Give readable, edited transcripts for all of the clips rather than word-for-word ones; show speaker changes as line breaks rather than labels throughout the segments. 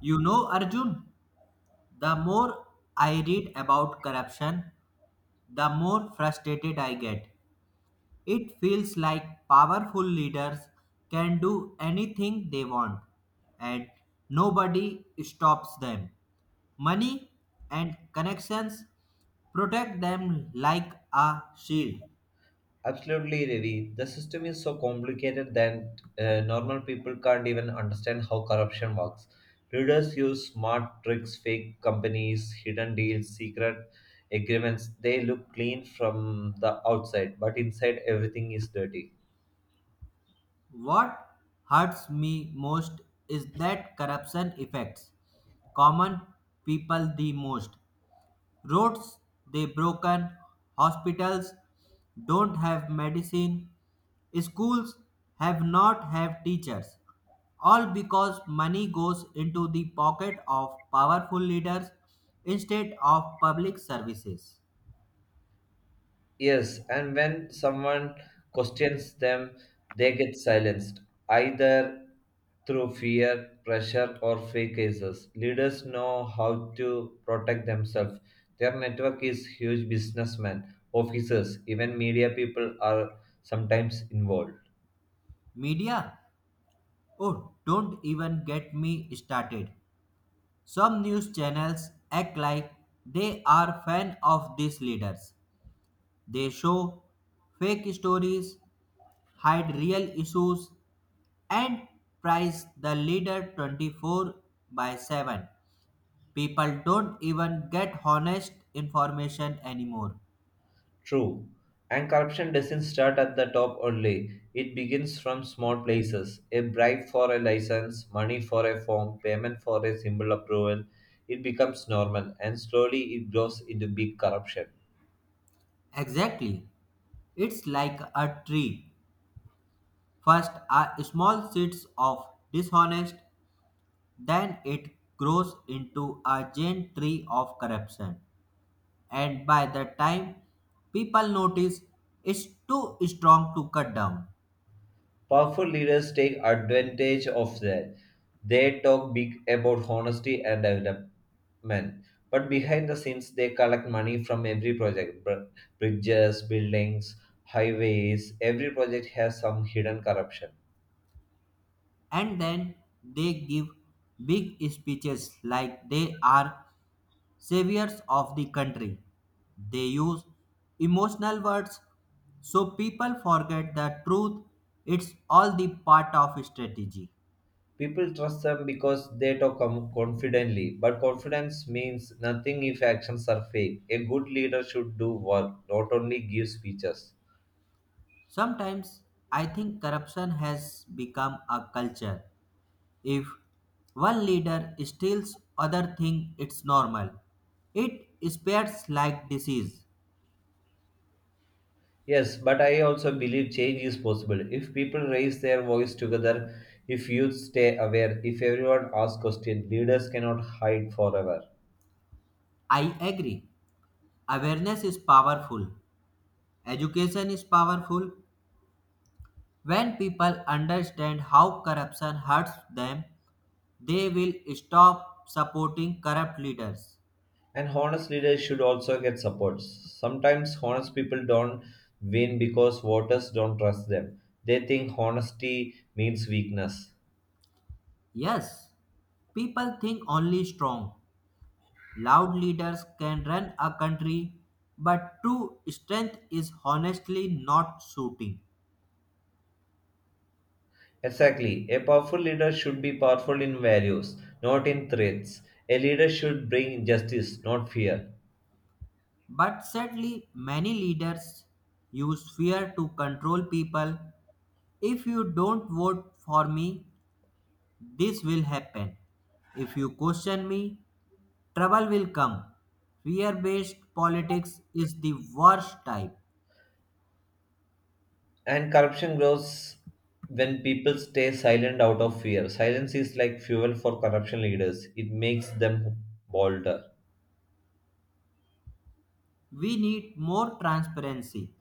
You know, Arjun, the more I read about corruption, the more frustrated I get. It feels like powerful leaders can do anything they want and nobody stops them. Money and connections protect them like a shield.
Absolutely, Ravi. The system is so complicated that normal people can't even understand how corruption works. Leaders use smart tricks, fake companies, hidden deals, secret agreements. They look clean from the outside, but inside everything is dirty.
What hurts me most is that corruption affects common people the most. Roads they broken, hospitals don't have medicine, schools have not have teachers. All because money goes into the pocket of powerful leaders instead of public services.
Yes, and when someone questions them, they get silenced, either through fear, pressure, or fake cases. Leaders know how to protect themselves. Their network is huge businessmen, officers, even media people are sometimes involved.
Media? Oh, don't even get me started. Some news channels act like they are fan of these leaders. They show fake stories, hide real issues, and praise the leader 24/7. People don't even get honest information anymore.
True. And corruption doesn't start at the top only. It begins from small places. A bribe for a license, money for a form, payment for a simple approval. It becomes normal and slowly it grows into big corruption.
Exactly. It's like a tree. First are small seeds of dishonest, then it grows into a giant tree of corruption. And by the time people notice, it's too strong to cut down.
Powerful leaders take advantage of that. They talk big about honesty and development. But behind the scenes, they collect money from every project bridges, buildings, highways. Every project has some hidden corruption.
And then they give big speeches like they are saviors of the country. They use emotional words so people forget the truth. It's all the part of strategy.
People trust them because they talk confidently, but confidence means nothing if actions are fake. A good leader should do work, not only give speeches.
Sometimes I think corruption has become a culture. If one leader steals other thing, it's normal. It spreads like disease.
Yes, but I also believe change is possible if people raise their voice together, if youth stay aware, if everyone asks questions. Leaders cannot hide forever.
I agree. Awareness is powerful, education is powerful. When people understand how corruption hurts them, they will stop supporting corrupt leaders.
And honest leaders should also get support. Sometimes honest people don't win because voters don't trust them. They think honesty means weakness.
Yes, people think only strong, loud leaders can run a country, but true strength is honestly not shooting.
Exactly. A powerful leader should be powerful in values, not in threats. A leader should bring justice, not fear.
But sadly, many leaders use fear to control people. If you don't vote for me, this will happen. If you question me, trouble will come. Fear based politics is the worst type.
And corruption grows when people stay silent out of fear. Silence is like fuel for corruption leaders, it makes them bolder.
We need more transparency.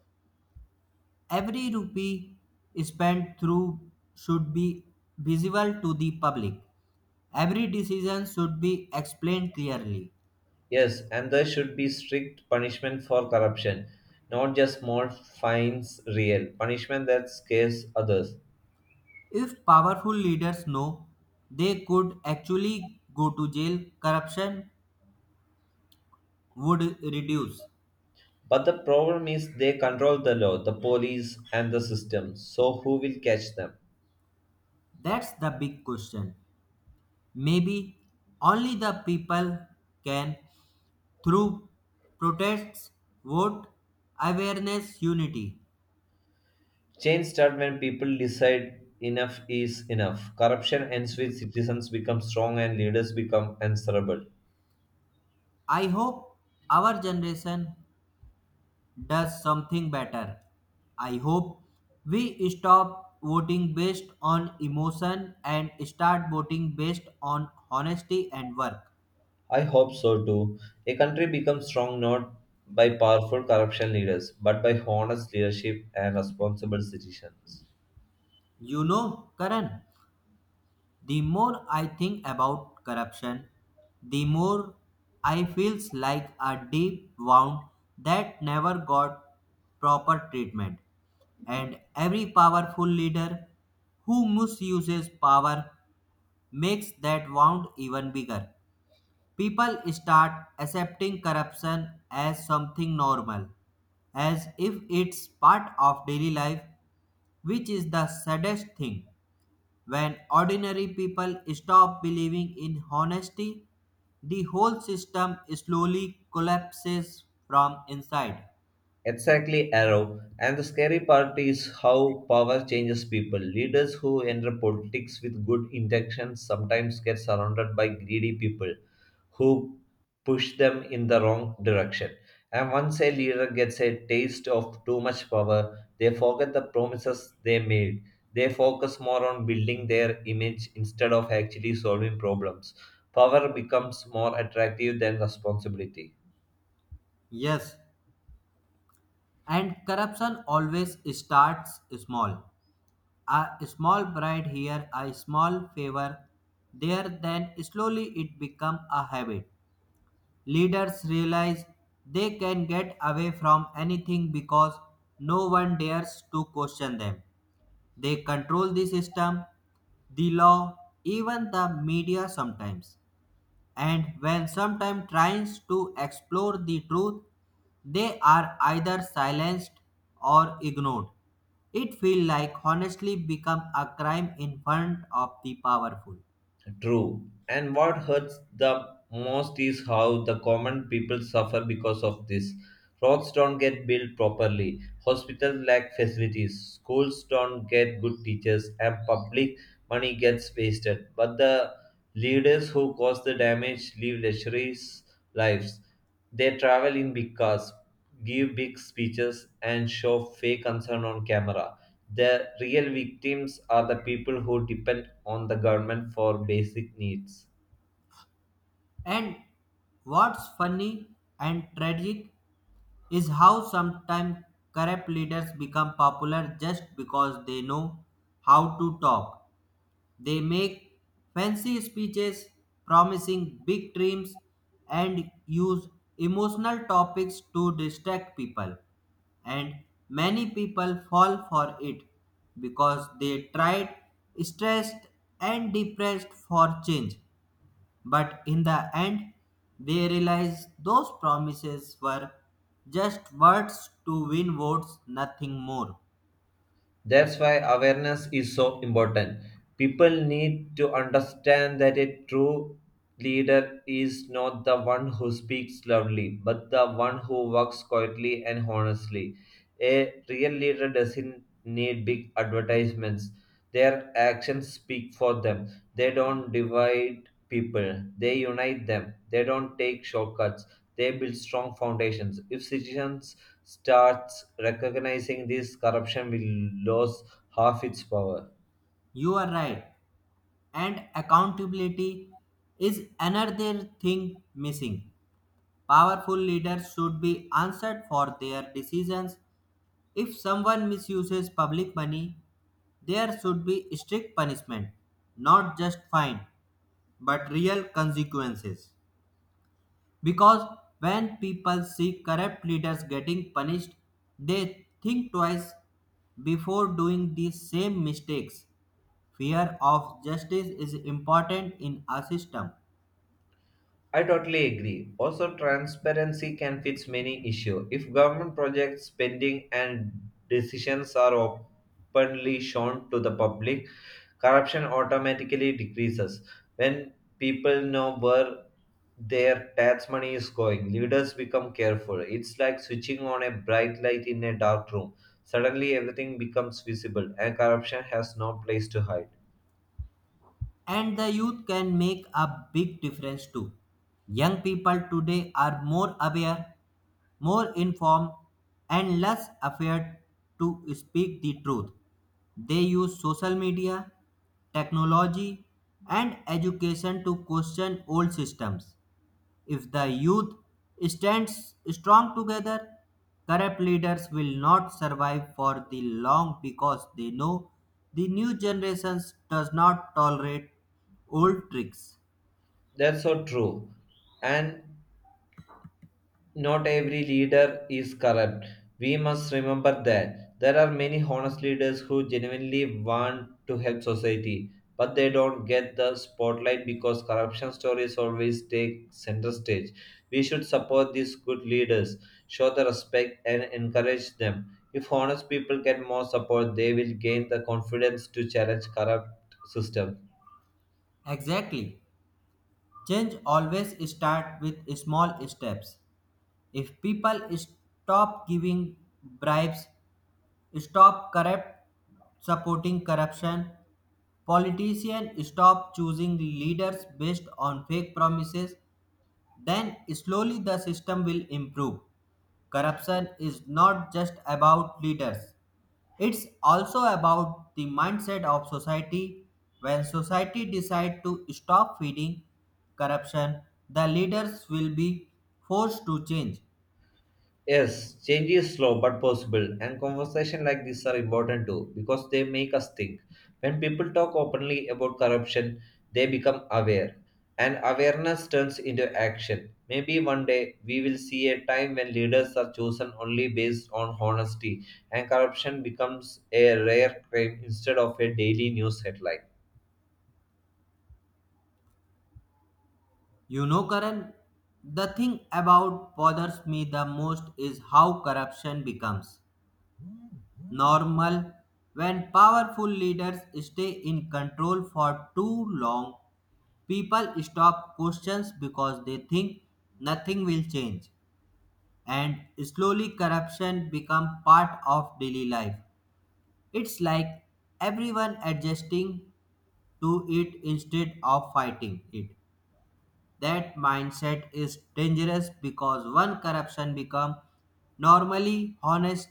Every rupee spent through should be visible to the public. Every decision should be explained clearly.
Yes, and there should be strict punishment for corruption, not just small fines, real punishment that scares others.
If powerful leaders know they could actually go to jail, corruption would reduce.
But the problem is they control the law, the police, and the system. So, who will catch them?
That's the big question. Maybe only the people can through protests, vote, awareness, unity.
Change starts when people decide enough is enough. Corruption ends when citizens become strong and leaders become answerable.
I hope our generation does something better. I hope we stop voting based on emotion and start voting based on honesty and work.
I hope so too. A country becomes strong not by powerful corruption leaders, but by honest leadership and responsible citizens.
You know, Karan, the more I think about corruption, the more I feels like a deep wound that never got proper treatment. And every powerful leader who misuses power makes that wound even bigger. People start accepting corruption as something normal, as if it's part of daily life, which is the saddest thing. When ordinary people stop believing in honesty, the whole system slowly collapses from inside.
Exactly, Arrow. And the scary part is how power changes people. Leaders who enter politics with good intentions sometimes get surrounded by greedy people who push them in the wrong direction. And once a leader gets a taste of too much power, they forget the promises they made. They focus more on building their image instead of actually solving problems. Power becomes more attractive than responsibility.
Yes, and corruption always starts small. A small bribe here, a small favor there, then slowly it becomes a habit. Leaders realize they can get away from anything because no one dares to question them. They control the system, the law, even the media sometimes. And when sometime tries to explore the truth, they are either silenced or ignored. It feels like honestly become a crime in front of the powerful.
True. And what hurts the most is how the common people suffer because of this. Roads don't get built properly, hospitals lack facilities, schools don't get good teachers, and public money gets wasted. But the leaders who cause the damage live luxurious lives. They travel in big cars, give big speeches, and show fake concern on camera. The real victims are the people who depend on the government for basic needs.
And what's funny and tragic is how sometimes corrupt leaders become popular just because they know how to talk. They make fancy speeches promising big dreams and use emotional topics to distract people. And many people fall for it because they tried stressed and depressed for change. But in the end, they realize those promises were just words to win votes, nothing more.
That's why awareness is so important. People need to understand that a true leader is not the one who speaks loudly, but the one who works quietly and honestly. A real leader doesn't need big advertisements. Their actions speak for them. They don't divide people, they unite them. They don't take shortcuts, they build strong foundations. If citizens starts recognizing this, corruption will lose half its power.
You are right. And accountability is another thing missing. Powerful leaders should be answered for their decisions. If someone misuses public money, there should be strict punishment, not just fine, but real consequences. Because when people see corrupt leaders getting punished, they think twice before doing the same mistakes. Fear of justice is important in a system.
I totally agree. Also, transparency can fix many issues. If government projects, spending and decisions are openly shown to the public, corruption automatically decreases. When people know where their tax money is going, leaders become careful. It's like switching on a bright light in a dark room. Suddenly, everything becomes visible, and corruption has no place to hide.
And the youth can make a big difference too. Young people today are more aware, more informed, and less afraid to speak the truth. They use social media, technology, and education to question old systems. If the youth stands strong together, corrupt leaders will not survive for the long because they know the new generations does not tolerate old tricks.
That's so true. And not every leader is corrupt. We must remember that there are many honest leaders who genuinely want to help society, but they don't get the spotlight because corruption stories always take center stage. We should support these good leaders, show the respect, and encourage them. If honest people get more support, they will gain the confidence to challenge corrupt system.
Exactly. Change always starts with small steps. If people stop giving bribes, stop corrupt supporting corruption, politicians stop choosing leaders based on fake promises, then slowly the system will improve. Corruption is not just about leaders, it's also about the mindset of society. When society decide to stop feeding corruption, the leaders will be forced to change.
Yes, change is slow but possible, and conversations like this are important too because they make us think. When people talk openly about corruption, they become aware, and awareness turns into action. Maybe one day we will see a time when leaders are chosen only based on honesty, and corruption becomes a rare crime instead of a daily news headline.
You know, Karan, the thing about bothers me the most is how corruption becomes normal when powerful leaders stay in control for too long. People stop questions because they think nothing will change, and slowly corruption become part of daily life. It's like everyone adjusting to it instead of fighting it. That mindset is dangerous because one corruption become normally honest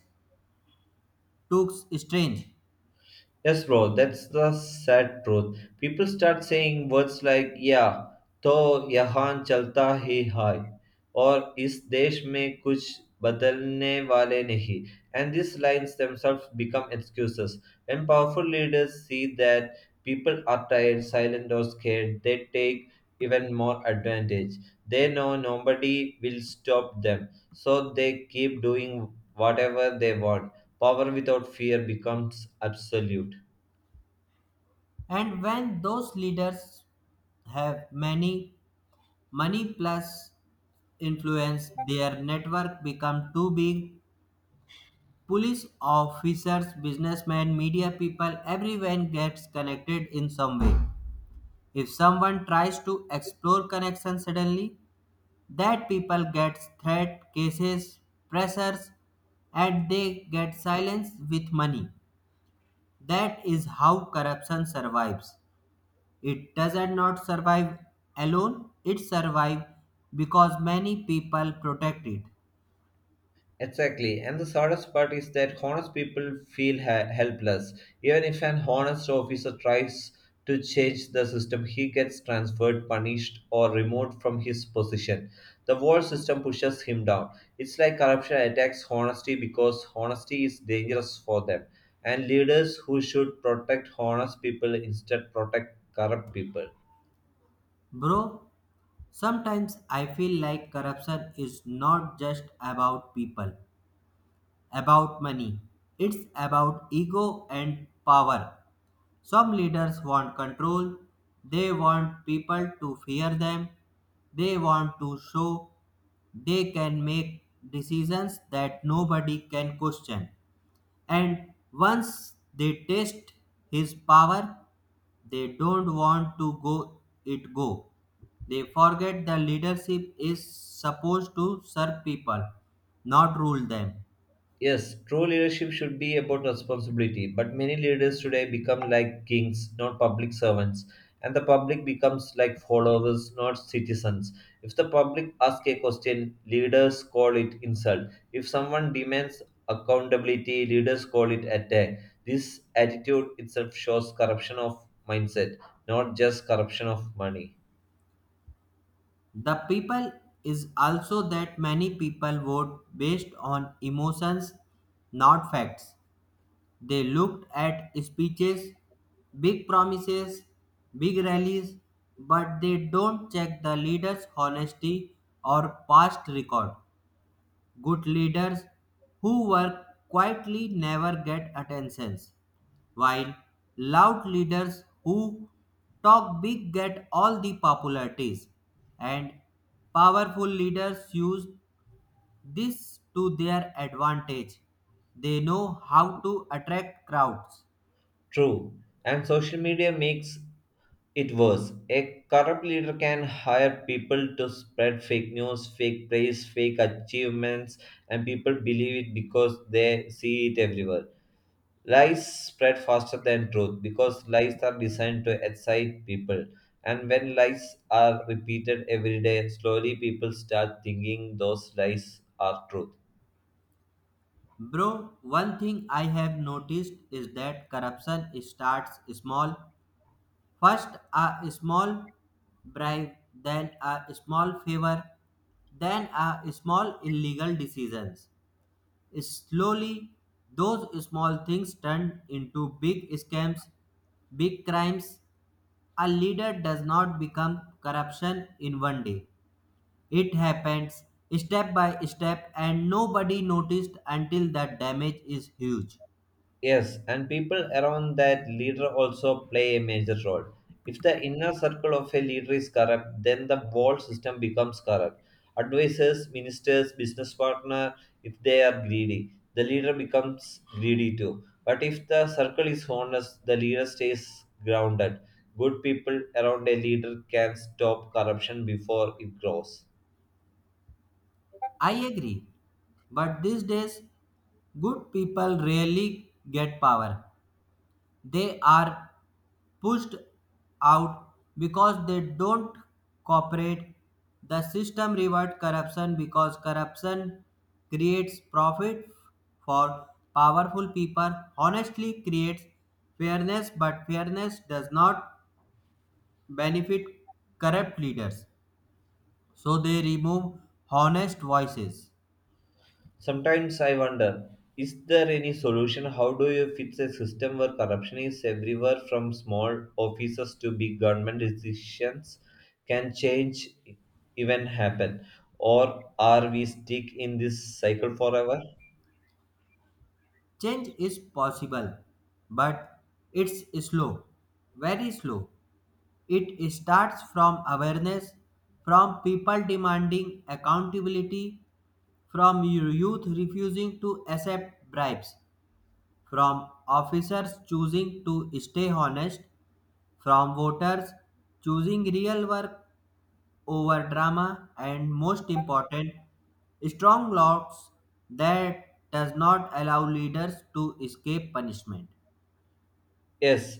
looks strange.
Yes, bro, that's the sad truth. People start saying words like "yeah," तो "Yahan chalta hi hai," or इस देश में कुछ बदलने वाले नहीं, and these lines themselves become excuses. When powerful leaders see that people are tired, silent or scared, they take even more advantage. They know nobody will stop them, so they keep doing whatever they want. Power without fear becomes absolute.
And when those leaders have many money plus influence, their network become too big. Police officers, businessmen, media people, everyone gets connected in some way. If someone tries to explore connection, suddenly that people gets threat cases, pressures, and they get silenced with money. That is how corruption survives. It does not survive alone, it survives because many people protect it.
Exactly, and the saddest part is that honest people feel helpless. Even if an honest officer tries to change the system, he gets transferred, punished, or removed from his position. The whole system pushes him down. It's like corruption attacks honesty because honesty is dangerous for them, and leaders who should protect honest people instead protect corrupt people.
Bro, sometimes I feel like corruption is not just about people, about money. It's about ego and power. Some leaders want control, they want people to fear them, they want to show they can make decisions that nobody can question. And once they taste his power, they don't want to go it go. They forget the leadership is supposed to serve people, not rule them.
Yes, true leadership should be about responsibility, but many leaders today become like kings, not public servants, and the public becomes like followers, not citizens. If the public ask a question, leaders call it insult. If someone demands accountability, leaders call it attack. This attitude itself shows corruption of mindset, not just corruption of money.
The people is also that many people vote based on emotions, not facts. They looked at speeches, big promises, big rallies, but they don't check the leader's honesty or past record. Good leaders who work quietly never get attentions, while loud leaders who talk big get all the popularities. And powerful leaders use this to their advantage. They know how to attract crowds.
True. And social media makes It was. A corrupt leader can hire people to spread fake news, fake praise, fake achievements, and people believe it because they see it everywhere. Lies spread faster than truth because lies are designed to excite people. And when lies are repeated every day, slowly people start thinking those lies are truth.
Bro, one thing I have noticed is that corruption starts small. First, a small bribe, then a small favor, then a small illegal decisions. Slowly, those small things turn into big scams, big crimes. A leader does not become corruption in one day. It happens step by step, and nobody noticed until the damage is huge.
Yes, and people around that leader also play a major role. If the inner circle of a leader is corrupt, then the whole system becomes corrupt. Advisors, ministers, business partner, if they are greedy, the leader becomes greedy too. But if the circle is honest, the leader stays grounded. Good people around a leader can stop corruption before it grows.
I agree. But these days, good people rarely get power. They are pushed out because they don't cooperate. The system rewards corruption because corruption creates profit for powerful people, honestly creates fairness, but fairness does not benefit corrupt leaders. So they remove honest voices.
Sometimes I wonder, is there any solution? How do you fix a system where corruption is everywhere, from small offices to big government decisions? Can change even happen? Or are we stuck in this cycle forever?
Change is possible, but it's slow, very slow. It starts from awareness, from people demanding accountability, from youth refusing to accept bribes, from officers choosing to stay honest, from voters choosing real work over drama, and most important, strong laws that does not allow leaders to escape punishment.
Yes,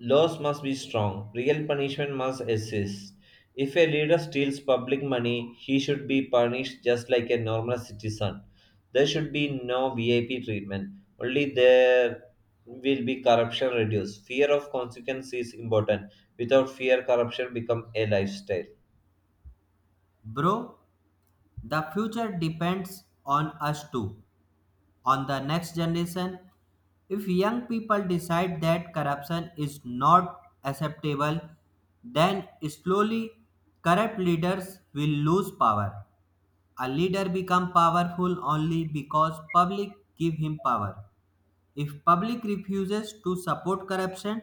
laws must be strong. Real punishment must exist. If a leader steals public money, he should be punished just like a normal citizen. There should be no VIP treatment. Only there will be corruption reduced. Fear of consequence is important. Without fear, corruption becomes a lifestyle.
Bro, the future depends on us too, on the next generation. If young people decide that corruption is not acceptable, then slowly corrupt leaders will lose power. A leader become powerful only because public give him power. If public refuses to support corruption,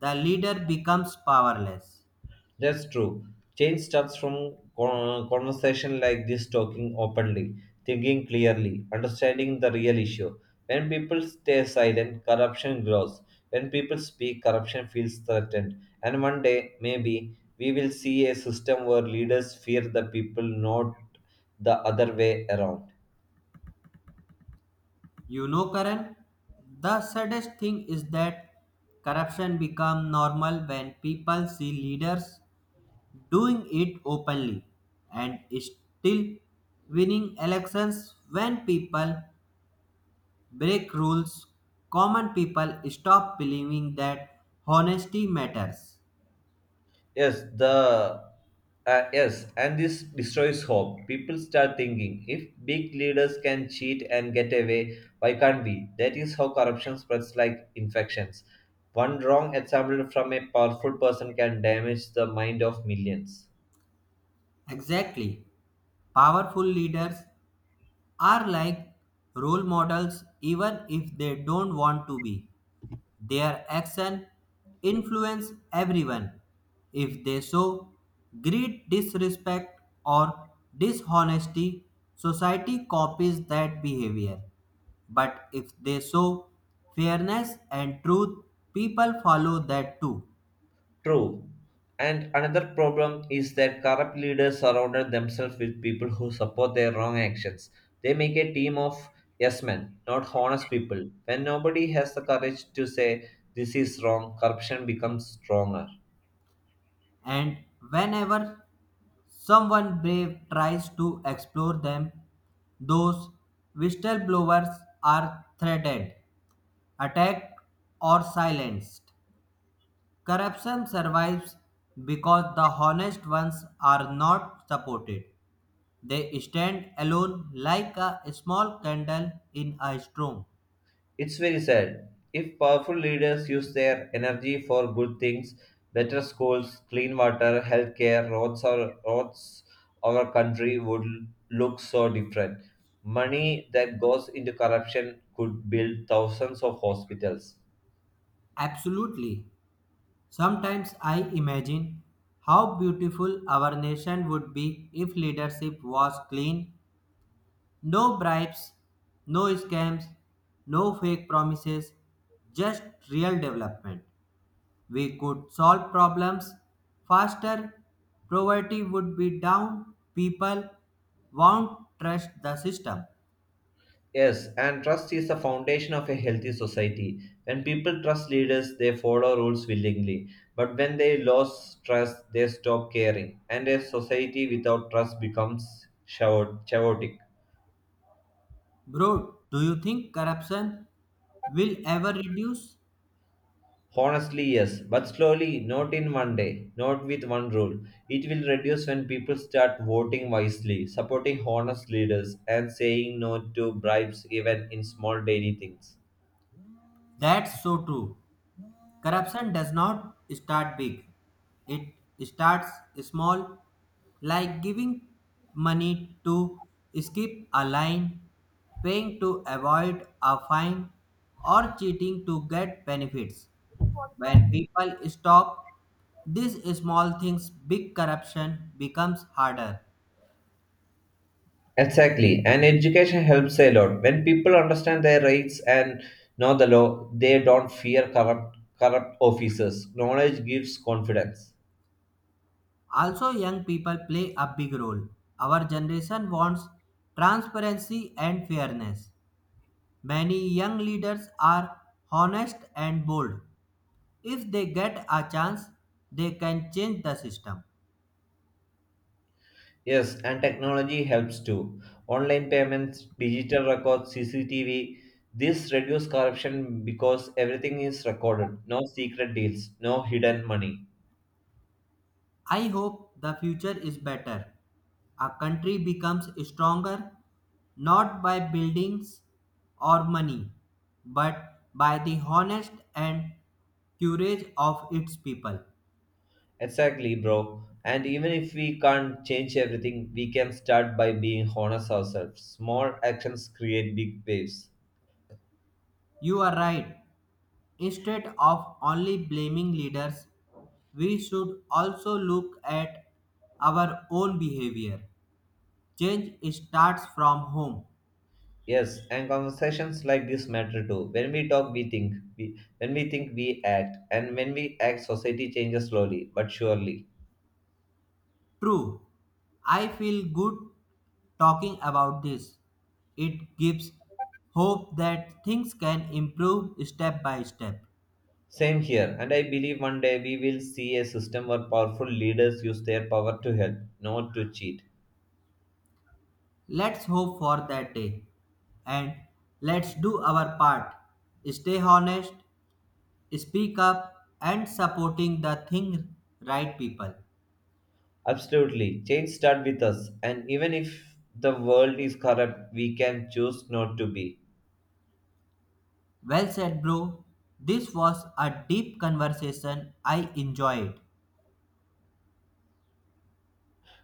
the leader becomes powerless.
That's true. Change starts from conversation like this, talking openly, thinking clearly, understanding the real issue. When people stay silent, corruption grows. When people speak, corruption feels threatened. And one day, maybe, we will see a system where leaders fear the people, not the other way around.
You know, Karan, the saddest thing is that corruption become normal when people see leaders doing it openly and still winning elections. When people break rules, common people stop believing that honesty matters.
Yes, and this destroys hope. People start thinking, if big leaders can cheat and get away, why can't we? That is how corruption spreads like infections. One wrong example from a powerful person can damage the mind of millions.
Exactly, powerful leaders are like role models even if they don't want to be. Their action influence everyone. If they show greed, disrespect, or dishonesty, society copies that behavior. But if they show fairness and truth, people follow that too.
True. And another problem is that corrupt leaders surrounded themselves with people who support their wrong actions. They make a team of yes men, not honest people. When nobody has the courage to say this is wrong, corruption becomes stronger.
And whenever someone brave tries to explore them, those whistleblowers are threatened, attacked, or silenced. Corruption survives because the honest ones are not supported. They stand alone like a small candle in a storm.
It's very sad. If powerful leaders use their energy for good things, better schools, clean water, healthcare, roads, or roads, our country would look so different. Money that goes into corruption could build thousands of hospitals.
Absolutely. Sometimes I imagine how beautiful our nation would be if leadership was clean. No bribes, no scams, no fake promises, just real development. We could solve problems faster, poverty would be down, people won't trust the system.
Yes, and trust is the foundation of a healthy society. When people trust leaders, they follow rules willingly. But when they lose trust, they stop caring. And a society without trust becomes chaotic.
Bro, do you think corruption will ever reduce?
Honestly, yes, but slowly, not in one day, not with one rule. It will reduce when people start voting wisely, supporting honest leaders, and saying no to bribes even in small daily things.
That's so true. Corruption does not start big, it starts small, like giving money to skip a line, paying to avoid a fine, or cheating to get benefits. When people stop these small things, big corruption becomes harder.
Exactly, and education helps a lot. When people understand their rights and know the law, they don't fear corrupt officers. Knowledge gives confidence.
Also, young people play a big role. Our generation wants transparency and fairness. Many young leaders are honest and bold. If they get a chance, they can change the system.
Yes, and technology helps too. Online payments, digital records, CCTV. This reduce corruption because everything is recorded. No secret deals, no hidden money.
I hope the future is better. A country becomes stronger not by buildings or money, but by the honest and courage of its people.
Exactly, bro. And even if we can't change everything, we can start by being honest ourselves. Small actions create big waves.
You are right. Instead of only blaming leaders, we should also look at our own behavior. Change starts from home.
Yes, and conversations like this matter too. When we talk, we think. When we think, we act. And when we act, society changes slowly but surely.
True, I feel good talking about this. It gives hope that things can improve step by step.
Same here, and I believe one day we will see a system where powerful leaders use their power to help, not to cheat.
Let's hope for that day. And let's do our part. Stay honest, speak up, and supporting the thing right people.
Absolutely, change starts with us, and even if the world is corrupt, we can choose not to be.
Well said, bro. This was a deep conversation. I enjoyed.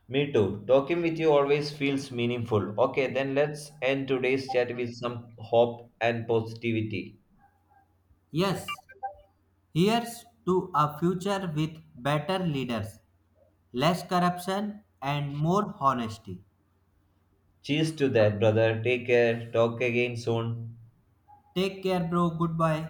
Me too. Talking with you always feels meaningful. Okay, then let's end today's chat with some hope and positivity.
Yes, here's to a future with better leaders, less corruption and more honesty.
Cheers to that, brother. Take care. Talk again soon.
Take care, bro. Goodbye.